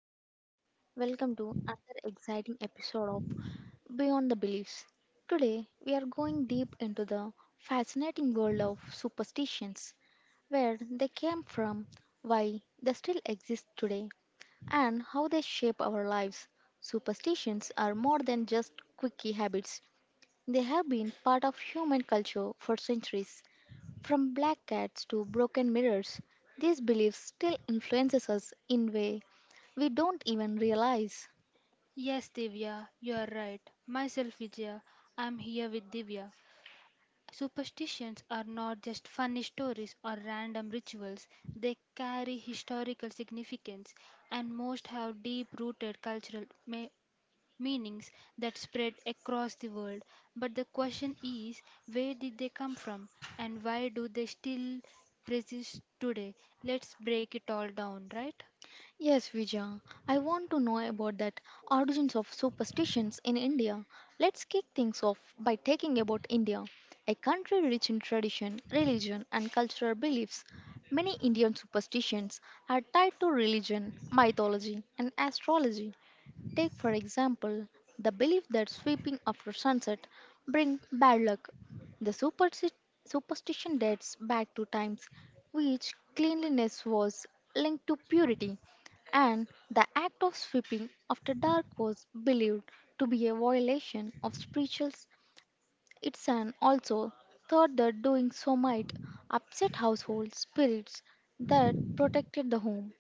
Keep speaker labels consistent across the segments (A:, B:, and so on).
A: Hello, hi, welcome to another exciting episode of Beyond the Beliefs. Today, we are going deep into the fascinating world of superstitions, where they came from, why they still exist today, and how they shape our lives. Superstitions are more than just quirky habits, they have been part of human culture for centuries. From black cats to broken mirrors, these beliefs still influences us in way we don't even realize.
B: Yes, Divya, you are right. Myself, Vijaya, I'm here with Divya. Superstitions are not just funny stories or random rituals, they carry historical significance, and most have deep rooted cultural meanings that spread across the world. But the question is where did they come from, and why do they still persist today? Let's break it all down, right?
A: Yes, Vijay, I want to know about that origins of superstitions in India. Let's kick things off by taking about India, a country rich in tradition, religion and cultural beliefs. Many Indian superstitions are tied to religion, mythology and astrology. Take, for example, the belief that sweeping after sunset brings bad luck. The superstition dates back to times which cleanliness was linked to purity, and the act of sweeping after dark was believed to be a violation of spirituals. It's an also thought that doing so might upset household spirits that protected the home.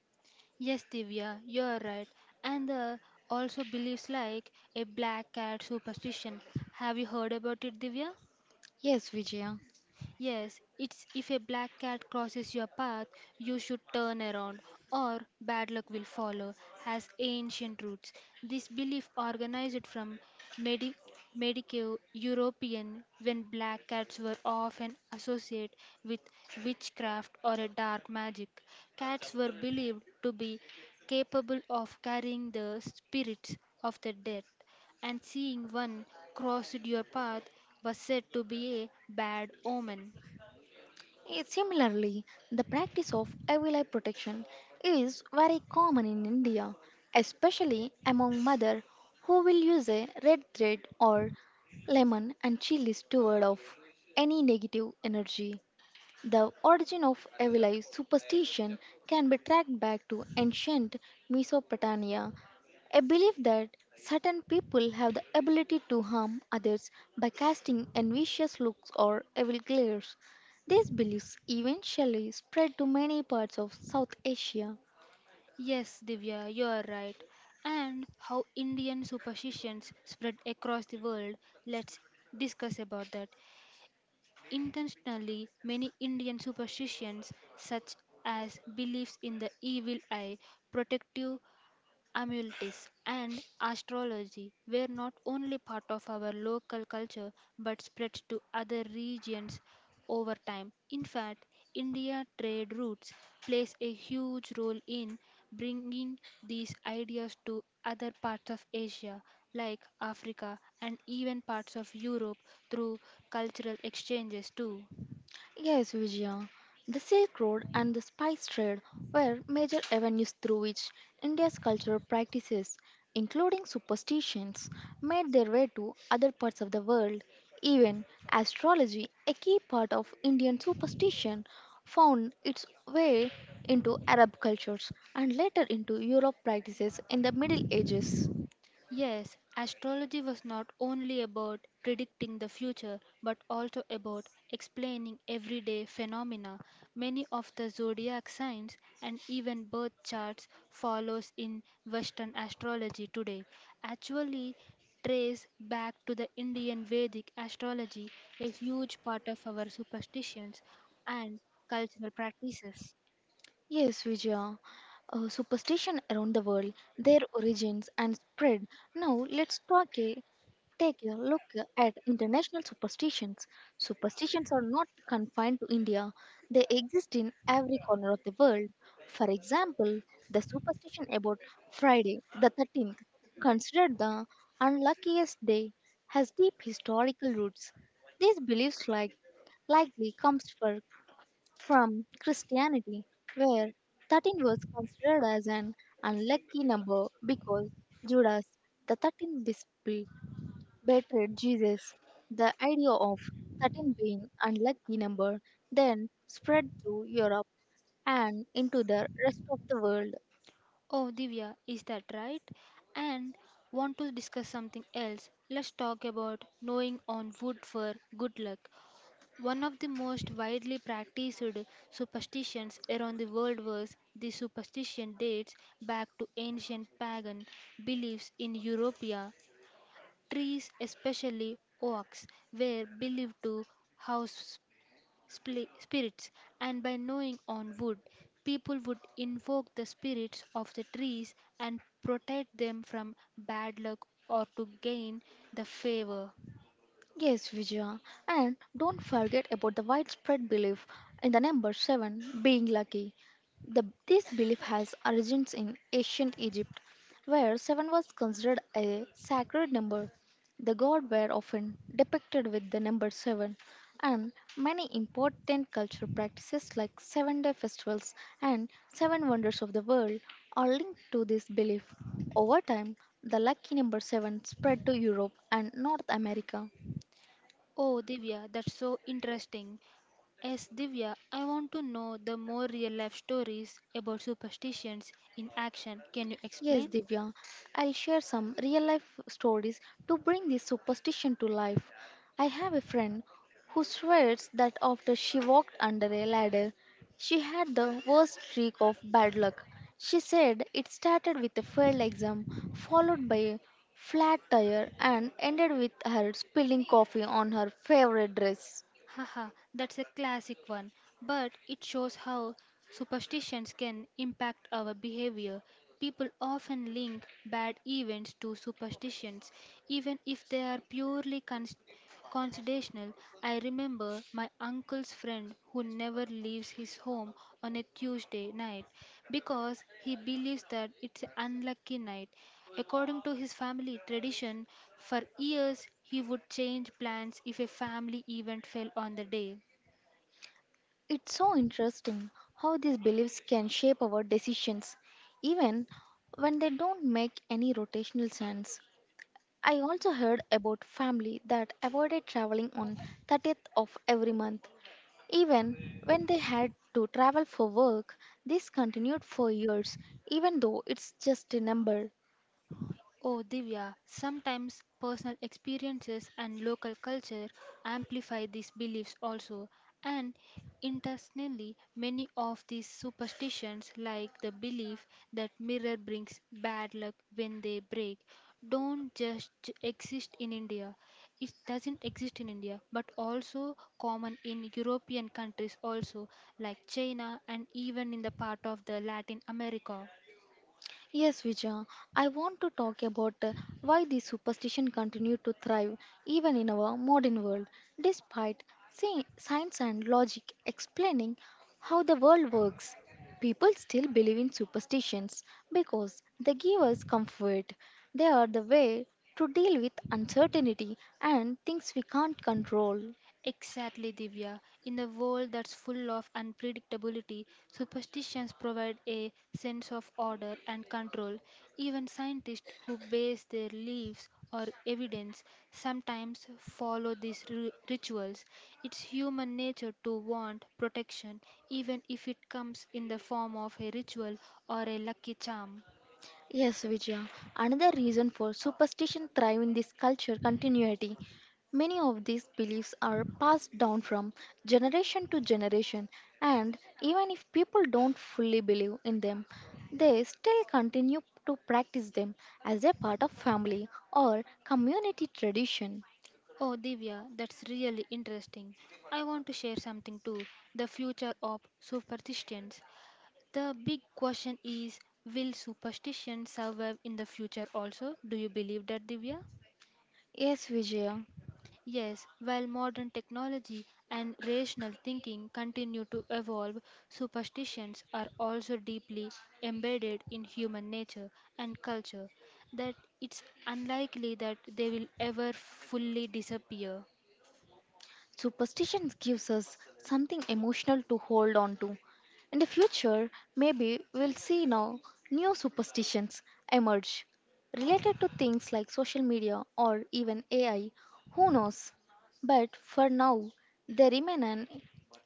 B: Yes, Divya, you're right. And there also beliefs like a black cat superstition. Have you heard about it, Divya?
A: Yes, Vijaya.
B: Yes, it's if a black cat crosses your path, you should turn around, or bad luck will follow, has ancient roots. This belief organized from Medi- Medico European when black cats were often associated with witchcraft or a dark magic. Cats were believed to be capable of carrying the spirits of the dead and seeing one cross your path was said to be a bad omen.
A: Similarly, the practice of avila protection is very common in India, especially among mothers who will use a red thread or lemon and chilies to ward off any negative energy. The origin of Evilai superstition can be tracked back to ancient Mesopotamia, a belief that certain people have the ability to harm others by casting envious looks or evil glares. These beliefs eventually spread to many parts of South Asia.
B: Yes, Divya, you are right. And how Indian superstitions spread across the world, let's discuss about that. Intentionally, many Indian superstitions, such as beliefs in the evil eye, protective amuletics, and astrology were not only part of our local culture but spread to other regions over time. In fact, India trade routes plays a huge role in bringing these ideas to other parts of Asia like Africa and even parts of Europe through cultural exchanges too.
A: Yes, Vijaya. The Silk Road and the spice trade were major avenues through which India's cultural practices, including superstitions, made their way to other parts of the world. Even astrology, a key part of Indian superstition, found its way into Arab cultures and later into Europe practices in the Middle Ages.
B: Yes, astrology was not only about predicting the future but also about explaining everyday phenomena. Many of the zodiac signs and even birth charts follows in western astrology today. Actually trace back to the Indian Vedic astrology, a huge part of our superstitions and cultural practices.
A: Yes, Vijaya. Superstition around the world, their origins and spread. Now let's take a look at international superstitions. Superstitions are not confined to India. They exist in every corner of the world. For example, the superstition about Friday the 13th, considered the unluckiest day, has deep historical roots. These beliefs like likely comes from Christianity, where 13 was considered as an unlucky number because Judas, the 13th disciple, betrayed Jesus. The idea of 13 being unlucky number then spread through Europe and into the rest of the world.
B: Oh, Divya, is that right? And want to discuss something else? Let's talk about knowing on wood for good luck. One of the most widely practiced superstitions around the world was the superstition dates back to ancient pagan beliefs in Europa. Trees, especially oaks, were believed to house spirits, and by knowing on wood, people would invoke the spirits of the trees and protect them from bad luck or to gain the favor.
A: Yes, Vijaya. And don't forget about the widespread belief in the number 7 being lucky. This belief has origins in ancient Egypt, where 7 was considered a sacred number. The gods were often depicted with the number 7, and many important cultural practices like 7-day festivals and 7 wonders of the world are linked to this belief. Over time, the lucky number 7 spread to Europe and North America.
B: Oh, Divya, that's so interesting. Yes, Divya, I want to know the more real life stories about superstitions in action. Can you
A: Yes,
B: explain?
A: Divya, I'll share some real life stories to bring this superstition to life. I have a friend who swears that after she walked under a ladder, she had the worst streak of bad luck. She said it started with a failed exam, followed by a flat tire, and ended with her spilling coffee on her favorite dress.
B: Haha, that's a classic one, but it shows how superstitions can impact our behavior. People often link bad events to superstitions, even if they are purely Coincidental, I remember my uncle's friend who never leaves his home on a Tuesday night because he believes that it's an unlucky night. According to his family tradition, for years he would change plans if a family event fell on the day.
A: It's so interesting how these beliefs can shape our decisions, even when they don't make any rotational sense. I also heard about family that avoided traveling on 30th of every month, even when they had to travel for work. This continued for years, even though it's just a number.
B: Oh, Divya, sometimes personal experiences and local culture amplify these beliefs also, and internationally, many of these superstitions, like the belief that mirror brings bad luck when they break, don't just exist in India. It doesn't exist in India, but also common in European countries also, like China and even in the part of the Latin America.
A: Yes, Vijay, I want to talk about why these superstition continue to thrive even in our modern world, despite science and logic explaining how the world works. People still believe in superstitions because they give us comfort. They are the way to deal with uncertainty and things we can't control.
B: Exactly, Divya. In a world that's full of unpredictability, superstitions provide a sense of order and control. Even scientists who base their beliefs or evidence sometimes follow these rituals. It's human nature to want protection, even if it comes in the form of a ritual or a lucky charm.
A: Yes, Vijaya. Another reason for superstition thrive in this culture continuity. Many of these beliefs are passed down from generation to generation, and even if people don't fully believe in them, they still continue to practice them as a part of family or community tradition.
B: Oh, Divya, that's really interesting. I want to share something too the future of superstitions. The big question is will superstition survive in the future also? Do you believe that, Divya?
A: Yes, Vijaya.
B: Yes, while modern technology and rational thinking continue to evolve, superstitions are also deeply embedded in human nature and culture, that it's unlikely that they will ever fully disappear.
A: Superstition gives us something emotional to hold on to. In the future, maybe we'll see now new superstitions emerge related to things like social media or even AI. Who knows? But for now, they remain an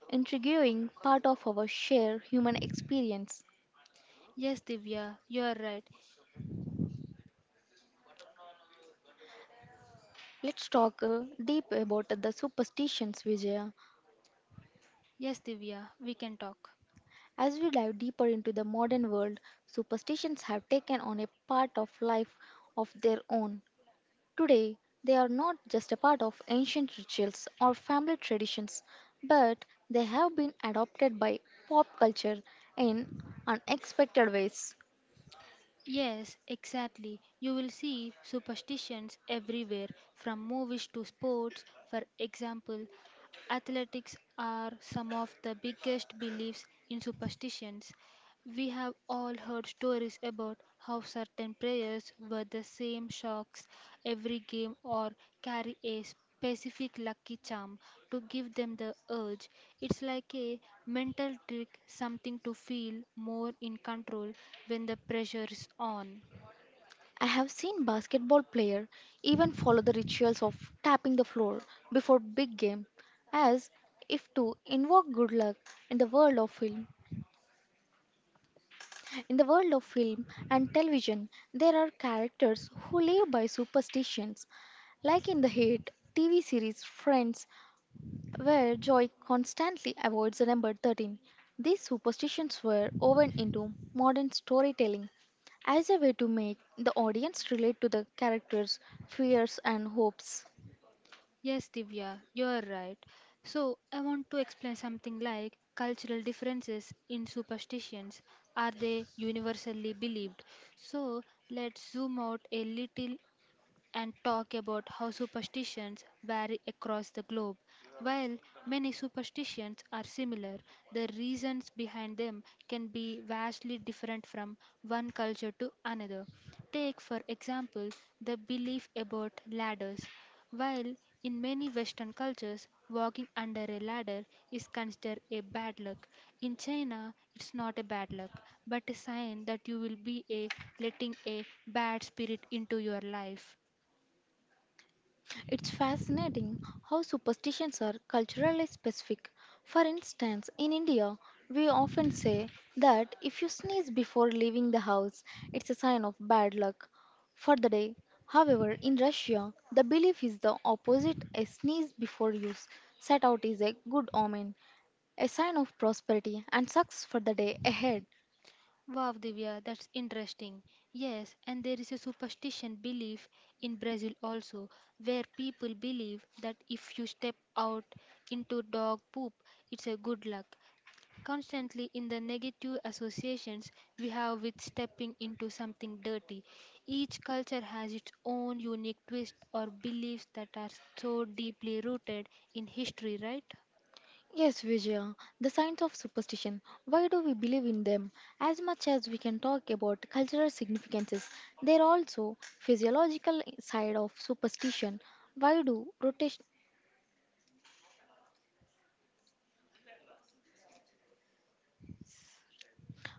A: intriguing part of our shared human experience.
B: Yes, Divya, you are right.
A: Let's talk deep about the superstitions, Vijaya.
B: Yes, Divya, we can talk.
A: As we dive deeper into the modern world, superstitions have taken on a part of life of their own. Today, they are not just a part of ancient rituals or family traditions, but they have been adopted by pop culture in unexpected ways.
B: Yes, exactly. You will see superstitions everywhere, from movies to sports, for example. Athletics are some of the biggest beliefs in superstitions. We have all heard stories about how certain players wear the same socks every game or carry a specific lucky charm to give them the urge. It's like a mental trick, something to feel more in control when the pressure is on.
A: I have seen basketball players even follow the rituals of tapping the floor before big game as if to invoke good luck in the world of film In the world of film and television, there are characters who live by superstitions, like in the hit TV series Friends, where Joy constantly avoids the number 13. These superstitions were woven into modern storytelling as a way to make the audience relate to the characters' fears and hopes.
B: Yes, Divya, you are right. So, I want to explain something like cultural differences in superstitions. Are they universally believed? So, let's zoom out a little and talk about how superstitions vary across the globe. While many superstitions are similar, the reasons behind them can be vastly different from one culture to another. Take, for example, the belief about ladders. While in many Western cultures, walking under a ladder is considered a bad luck, in China, it's not a bad luck, but a sign that you will be a letting a bad spirit into your life.
A: It's fascinating how superstitions are culturally specific. For instance, in India, we often say that if you sneeze before leaving the house, it's a sign of bad luck for the day. However, in Russia, the belief is the opposite a sneeze before set out is a good omen, a sign of prosperity and success for the day ahead.
B: Wow, Divya, that's interesting. Yes, and there is a superstition belief in Brazil also, where people believe that if you step out into dog poop, it's a good luck. Constantly in the negative associations we have with stepping into something dirty, each culture has its own unique twist or beliefs that are so deeply rooted in history, right?
A: Yes, Vijaya, the signs of superstition. Why do we believe in them? As much as we can talk about cultural significances, there are also physiological side of superstition. Why do rotation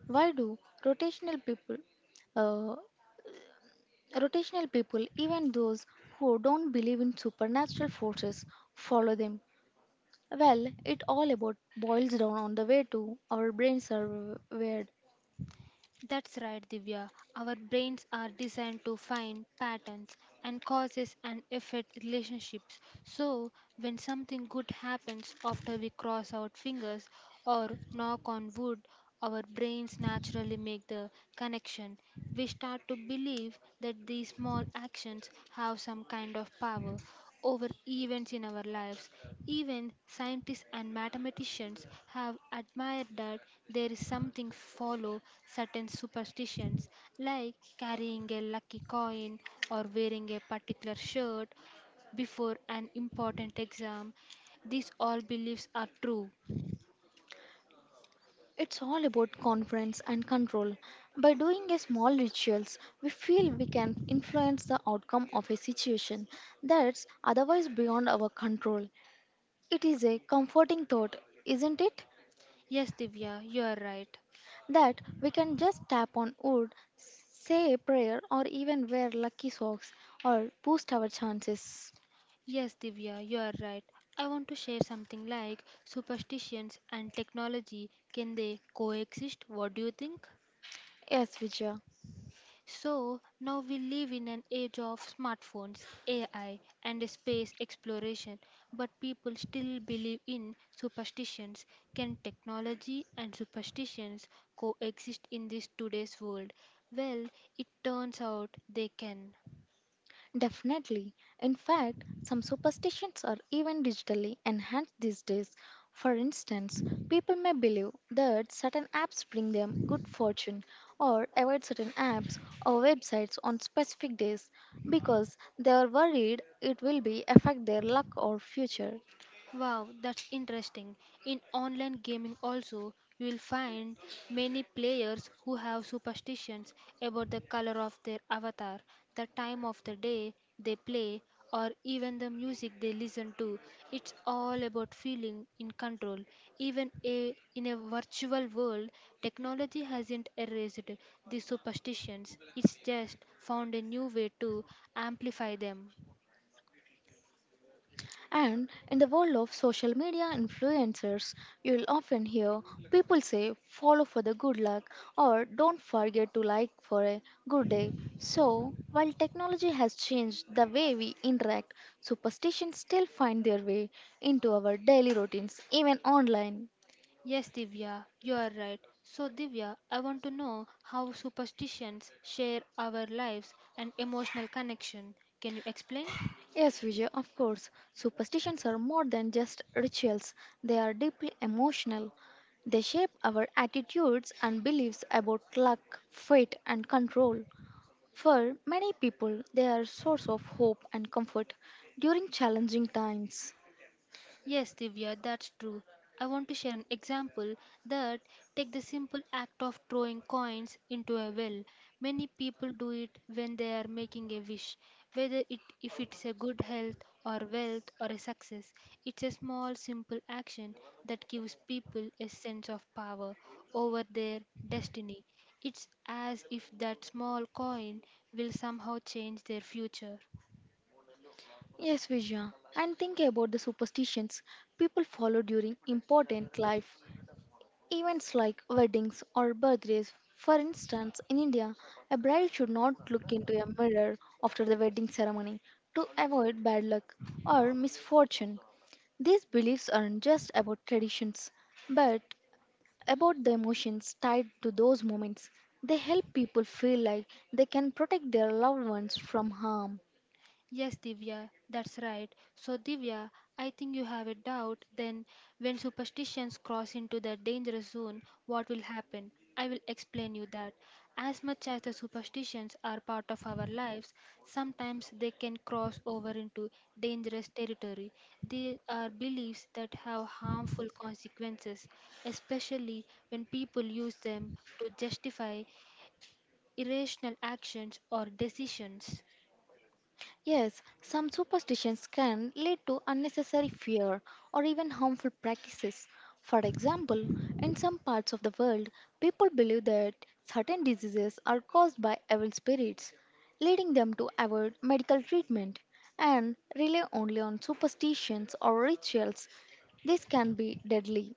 A: why do rotational people uh, rotational people, even those who don't believe in supernatural forces, follow them? Well, it all about boils down on the way to our brains are wired.
B: That's right, Divya. Our brains are designed to find patterns and causes and effect relationships. So, when something good happens after we cross our fingers or knock on wood, our brains naturally make the connection. We start to believe that these small actions have some kind of power over events in our lives. Even scientists and mathematicians have admired that there is something follow certain superstitions like carrying a lucky coin or wearing a particular shirt before an important exam. These all beliefs are true.
A: It's all about confidence and control. By doing a small rituals, we feel we can influence the outcome of a situation that's otherwise beyond our control. It is a comforting thought, isn't it?
B: Yes, Divya, you are right.
A: That we can just tap on wood, say a prayer, or even wear lucky socks or boost our chances.
B: Yes, Divya, you are right. I want to share something like superstitions and technology. Can they coexist? What do you think?
A: Yes, Vijaya.
B: So, now we live in an age of smartphones, AI, and space exploration, but people still believe in superstitions. Can technology and superstitions coexist in this today's world? Well, it turns out they can.
A: Definitely. In fact, some superstitions are even digitally enhanced these days. For instance, people may believe that certain apps bring them good fortune or avoid certain apps or websites on specific days because they are worried it will be affect their luck or future.
B: Wow, that's interesting. In online gaming also, you will find many players who have superstitions about the color of their avatar, the time of the day they play, or even the music they listen to. It's all about feeling in control. Even in a virtual world, technology hasn't erased these superstitions. It's just found a new way to amplify them.
A: And in the world of social media influencers, you'll often hear people say follow for the good luck or don't forget to like for a good day. So, while technology has changed the way we interact, superstitions still find their way into our daily routines, even online.
B: Yes, Divya, you are right. So, Divya, I want to know how superstitions share our lives and emotional connection. Can you explain?
A: Yes, Vijay, of course. Superstitions are more than just rituals, they are deeply emotional. They shape our attitudes and beliefs about luck, fate, and control. For many people, they are a source of hope and comfort during challenging times.
B: Yes, Divya, that's true. I want to share an example that take the simple act of throwing coins into a well. Many people do it when they are making a wish, whether it if it's a good health or wealth or a success. It's a small simple action that gives people a sense of power over their destiny. It's as if that small coin will somehow change their future.
A: Yes, Vijaya, and think about the superstitions people follow during important life events like weddings or birthdays. For instance, in India, a bride should not look into a mirror after the wedding ceremony to avoid bad luck or misfortune. These beliefs aren't just about traditions, but about the emotions tied to those moments. They help people feel like they can protect their loved ones from harm.
B: Yes, Divya, that's right. So, Divya, I think you have a doubt. Then, when superstitions cross into the dangerous zone, what will happen? I will explain you that. As much as the superstitions are part of our lives, sometimes they can cross over into dangerous territory. They are beliefs that have harmful consequences, especially when people use them to justify irrational actions or decisions.
A: Yes, some superstitions can lead to unnecessary fear or even harmful practices. For example, in some parts of the world, people believe that certain diseases are caused by evil spirits, leading them to avoid medical treatment and rely only on superstitions or rituals. This can be deadly.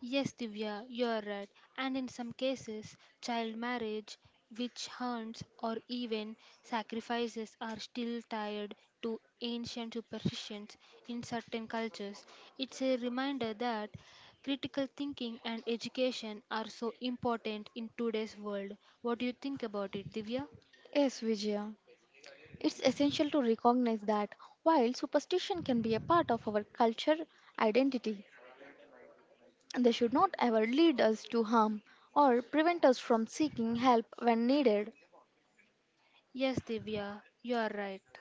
B: Yes, Divya, you are right. And in some cases, child marriage, witch hunts, or even sacrifices are still tied to ancient superstitions in certain cultures. It's a reminder that critical thinking and education are so important in today's world. What do you think about it, Divya?
A: Yes, Vijaya. It's essential to recognize that while superstition can be a part of our culture identity, they should not ever lead us to harm or prevent us from seeking help when needed.
B: Yes, Divya, you are right.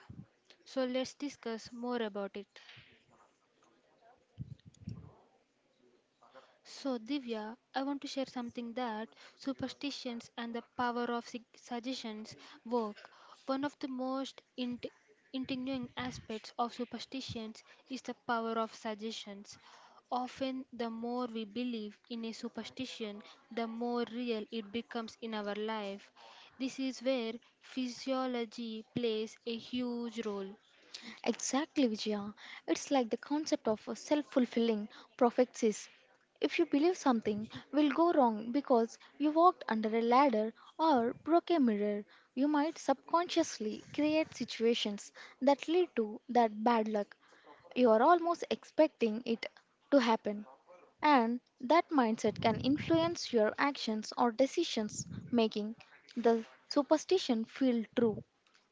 B: So let's discuss more about it. So, Divya, I want to share something that superstitions and the power of suggestions work. One of the most intriguing aspects of superstitions is the power of suggestions. Often, the more we believe in a superstition, the more real it becomes in our life. This is where physiology plays a huge role.
A: Exactly, Vijaya. It's like the concept of a self fulfilling prophecies. If you believe something will go wrong because you walked under a ladder or broke a mirror, you might subconsciously create situations that lead to that bad luck. You are almost expecting it to happen. And that mindset can influence your actions or decisions, making the superstition feel true.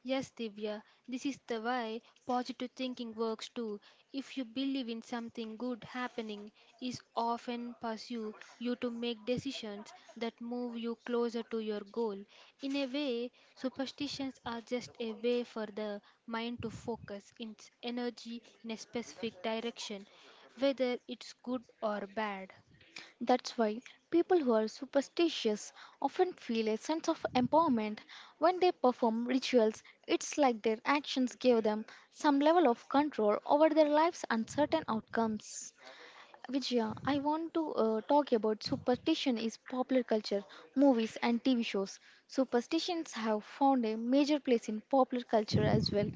B: Yes, Divya, this is the way positive thinking works too. If you believe in something good happening, it often pursue you to make decisions that move you closer to your goal. In a way, superstitions are just a way for the mind to focus its energy in a specific direction, whether it's good or bad.
A: That's why people who are superstitious often feel a sense of empowerment when they perform rituals. It's like their actions give them some level of control over their life's uncertain outcomes. Vijaya, I want to talk about superstition is popular culture, movies and TV shows. Superstitions have found a major place in popular culture as well.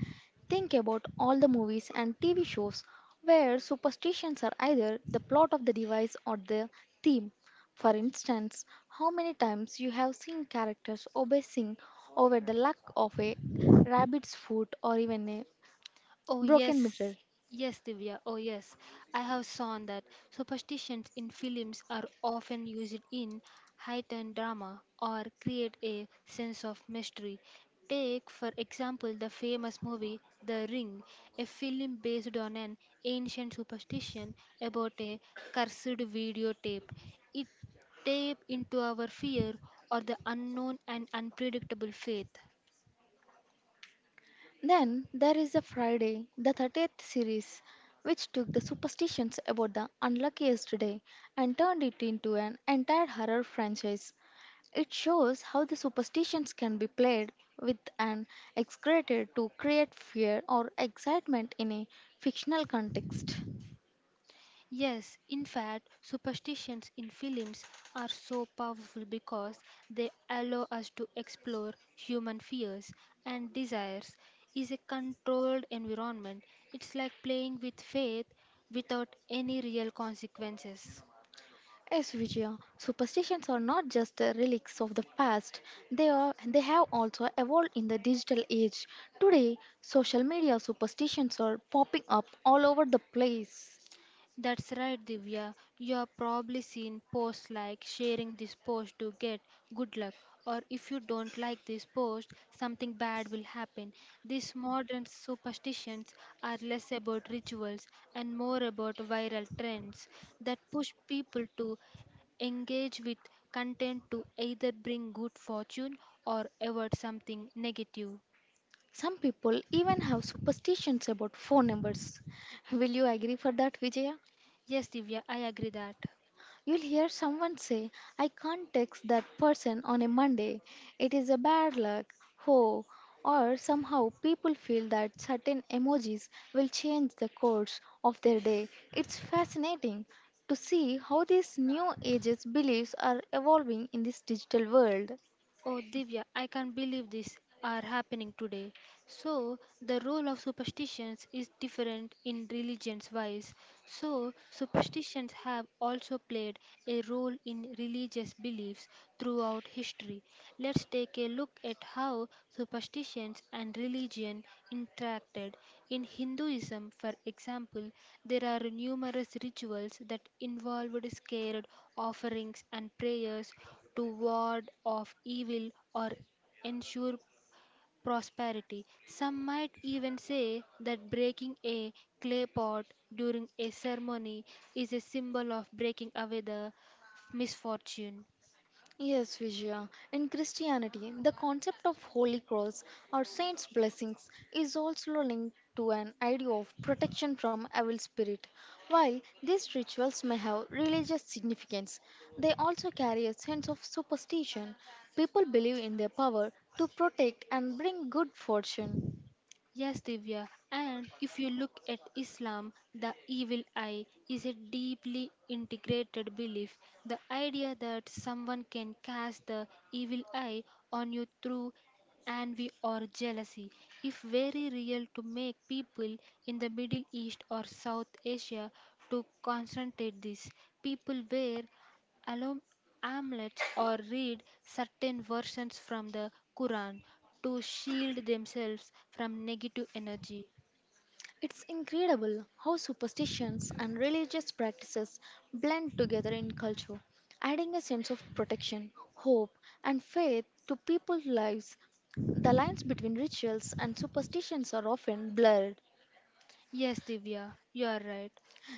A: Think about all the movies and TV shows where superstitions are either the plot of the device or the theme. For instance, how many times you have seen characters obsessing over the luck of a rabbit's foot or even a
B: Oh,
A: broken
B: yes.
A: mirror?
B: Yes, Divya. Oh, yes. I have seen that superstitions in films are often used in heightened drama or create a sense of mystery. Take, for example, the famous movie The Ring, a film based on an ancient superstition about a cursed videotape. It tape into our fear or the unknown and unpredictable faith.
A: Then there is a Friday, the 30th series, which took the superstitions about the unluckiest day and turned it into an entire horror franchise. It shows how the superstitions can be played with and exaggerated to create fear or excitement in a fictional context.
B: Yes, in fact, superstitions in films are so powerful because they allow us to explore human fears and desires is a controlled environment. It's like playing with faith without any real consequences.
A: Yes, Vijaya. Superstitions are not just the relics of the past. They are they have also evolved in the digital age. Today, social media superstitions are popping up all over the place.
B: That's right, Divya. You have probably seen posts like sharing this post to get good luck, or if you don't like this post, something bad will happen. These modern superstitions are less about rituals and more about viral trends that push people to engage with content to either bring good fortune or avert something negative.
A: Some people even have superstitions about phone numbers. Will you agree for that, Vijaya?
B: Yes, Divya, I agree that.
A: You'll hear someone say, I can't text that person on a Monday. It is a bad luck. Ho. Or somehow people feel that certain emojis will change the course of their day. It's fascinating to see how these new ages beliefs are evolving in this digital world.
B: Oh, Divya, I can't believe this are happening today. So, the role of superstitions is different in religions wise. So, superstitions have also played a role in religious beliefs throughout history. Let's take a look at how superstitions and religion interacted. In Hinduism, for example, there are numerous rituals that involved scared offerings and prayers to ward off evil or ensure prosperity. Some might even say that breaking a clay pot during a ceremony is a symbol of breaking away the misfortune.
A: Yes, Vijaya. In Christianity, the concept of Holy Cross or Saints' blessings is also linked to an idea of protection from evil spirit. While these rituals may have religious significance, they also carry a sense of superstition. People believe in their power to protect and bring good fortune.
B: Yes, Divya. And if you look at Islam, the evil eye is a deeply integrated belief. The idea that someone can cast the evil eye on you through envy or jealousy is very real to make people in the Middle East or South Asia to concentrate this. People wear alum- amulets or read certain versions from the Quran to shield themselves from negative energy.
A: It's incredible how superstitions and religious practices blend together in culture, adding a sense of protection, hope, and faith to people's lives. The lines between rituals and superstitions are often blurred,
B: Yes, Divya, you are right.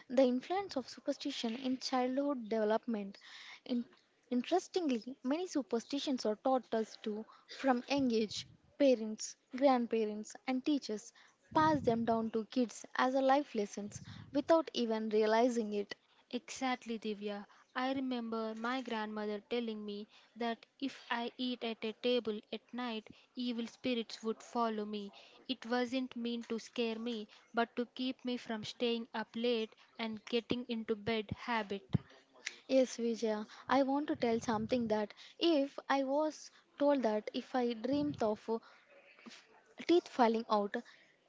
A: the influence of superstition in childhood development. In- interestingly, many superstitions are taught us to from young age. Parents, grandparents, and teachers pass them down to kids as a life lessons without even realizing it.
B: Exactly, Divya. I remember my grandmother telling me that if I eat at a table at night, evil spirits would follow me. It wasn't meant to scare me, but to keep me from staying up late and getting into bed habit.
A: Yes, Vijaya, I want to tell something that if I was told that if I dreamt of teeth falling out,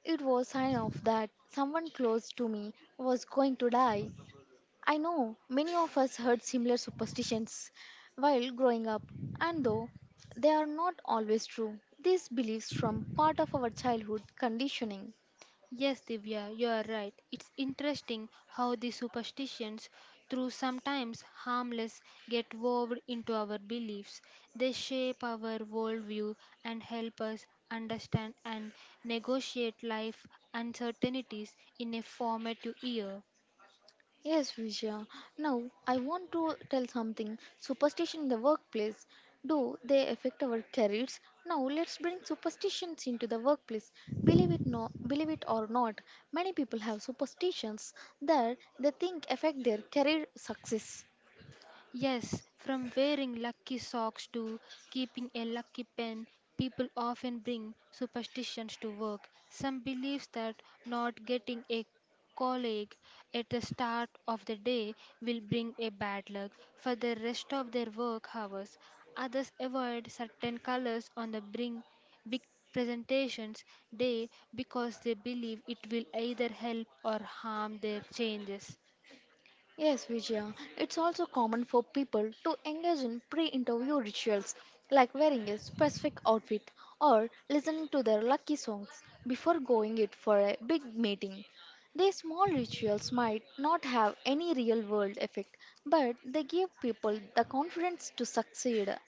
A: it was sign of that someone close to me was going to die. I know many of us heard similar superstitions while growing up, and though they are not always true, these beliefs from part of our childhood conditioning.
B: Yes, Divya, you are right. It's interesting how the superstitions, through sometimes harmless, get woven into our beliefs. They shape our worldview and help us understand and negotiate life uncertainties in a formative year.
A: Yes, Vijaya. Now, I want to tell something. Superstition in the workplace. Do they affect our careers? Now, let's bring superstitions into the workplace. Believe it or not, many people have superstitions that they think affect their career success.
B: Yes, from wearing lucky socks to keeping a lucky pen, people often bring superstitions to work. Some believe that not getting a colleague at the start of the day will bring a bad luck for the rest of their work hours. Others avoid certain colors on the bring big presentations day because they believe it will either help or harm their changes.
A: Yes, Vijaya. It's also common for people to engage in pre interview rituals like wearing a specific outfit or listening to their lucky songs before going it for a big meeting. These small rituals might not have any real world effect, but they give people the confidence to succeed.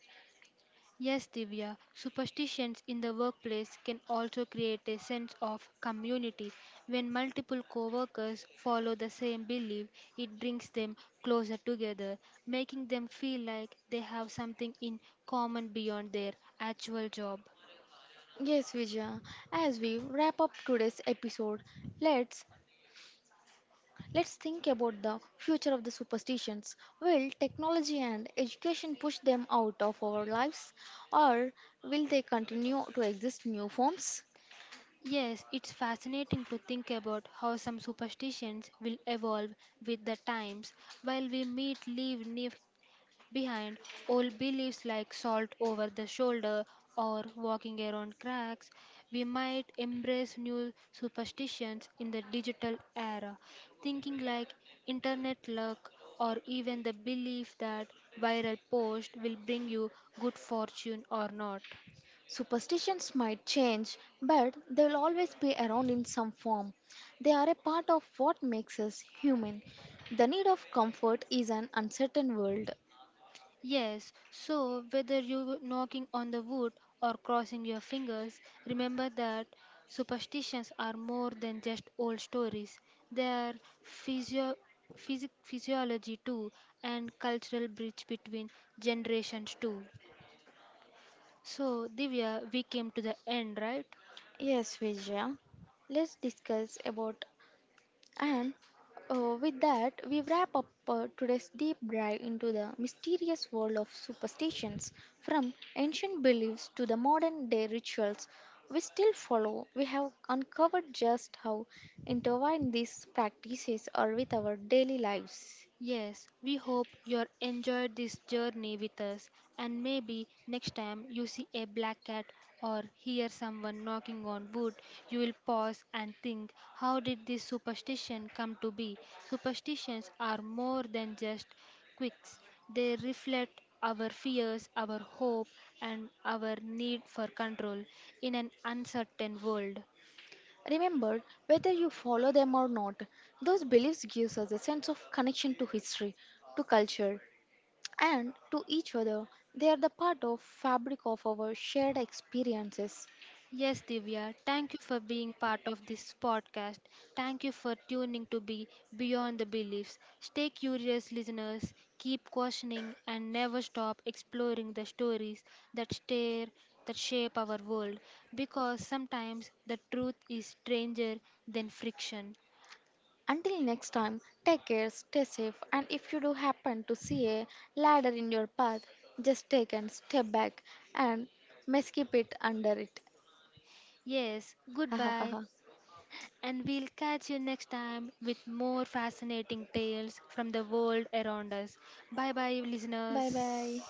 B: Yes, Divya, superstitions in the workplace can also create a sense of community. When multiple coworkers follow the same belief, it brings them closer together, making them feel like they have something in common beyond their actual job.
A: Yes, Vijaya. As we wrap up today's episode, let's Let's think about the future of the superstitions. Will technology and education push them out of our lives, or will they continue to exist in new forms?
B: Yes, it's fascinating to think about how some superstitions will evolve with the times. While we meet, live, behind old beliefs like salt over the shoulder or walking around cracks, we might embrace new superstitions in the digital era, thinking like internet luck or even the belief that viral post will bring you good fortune or not.
A: Superstitions might change, but they will always be around in some form. They are a part of what makes us human. The need of comfort is an uncertain world.
B: Yes, so whether you knocking on the wood or crossing your fingers, remember that superstitions are more than just old stories. They are physio- physiology too and cultural bridge between generations too. So Divya, we came to the end, right?
A: Yes, Vijaya. Let's discuss about And With that, we wrap up today's deep dive into the mysterious world of superstitions. From ancient beliefs to the modern day rituals we still follow, we have uncovered just how intertwined these practices are with our daily lives.
B: Yes, we hope you enjoyed this journey with us, and maybe next time you see a black cat or hear someone knocking on wood, you will pause and think, how did this superstition come to be? Superstitions are more than just quirks; they reflect our fears, our hope, and our need for control in an uncertain world.
A: Remember, whether you follow them or not, those beliefs gives us a sense of connection to history, to culture, and to each other. They are the part of fabric of our shared experiences.
B: Yes, Divya, thank you for being part of this podcast. Thank you for tuning to be Beyond the Beliefs. Stay curious, listeners, keep questioning, and never stop exploring the stories that stare that shape our world because sometimes the truth is stranger than friction.
A: Until next time, take care, stay safe, and if you do happen to see a ladder in your path, just take and step back and may skip it under it.
B: Yes, goodbye, and we'll catch you next time with more fascinating tales from the world around us. Bye bye,
A: bye bye.
B: listeners.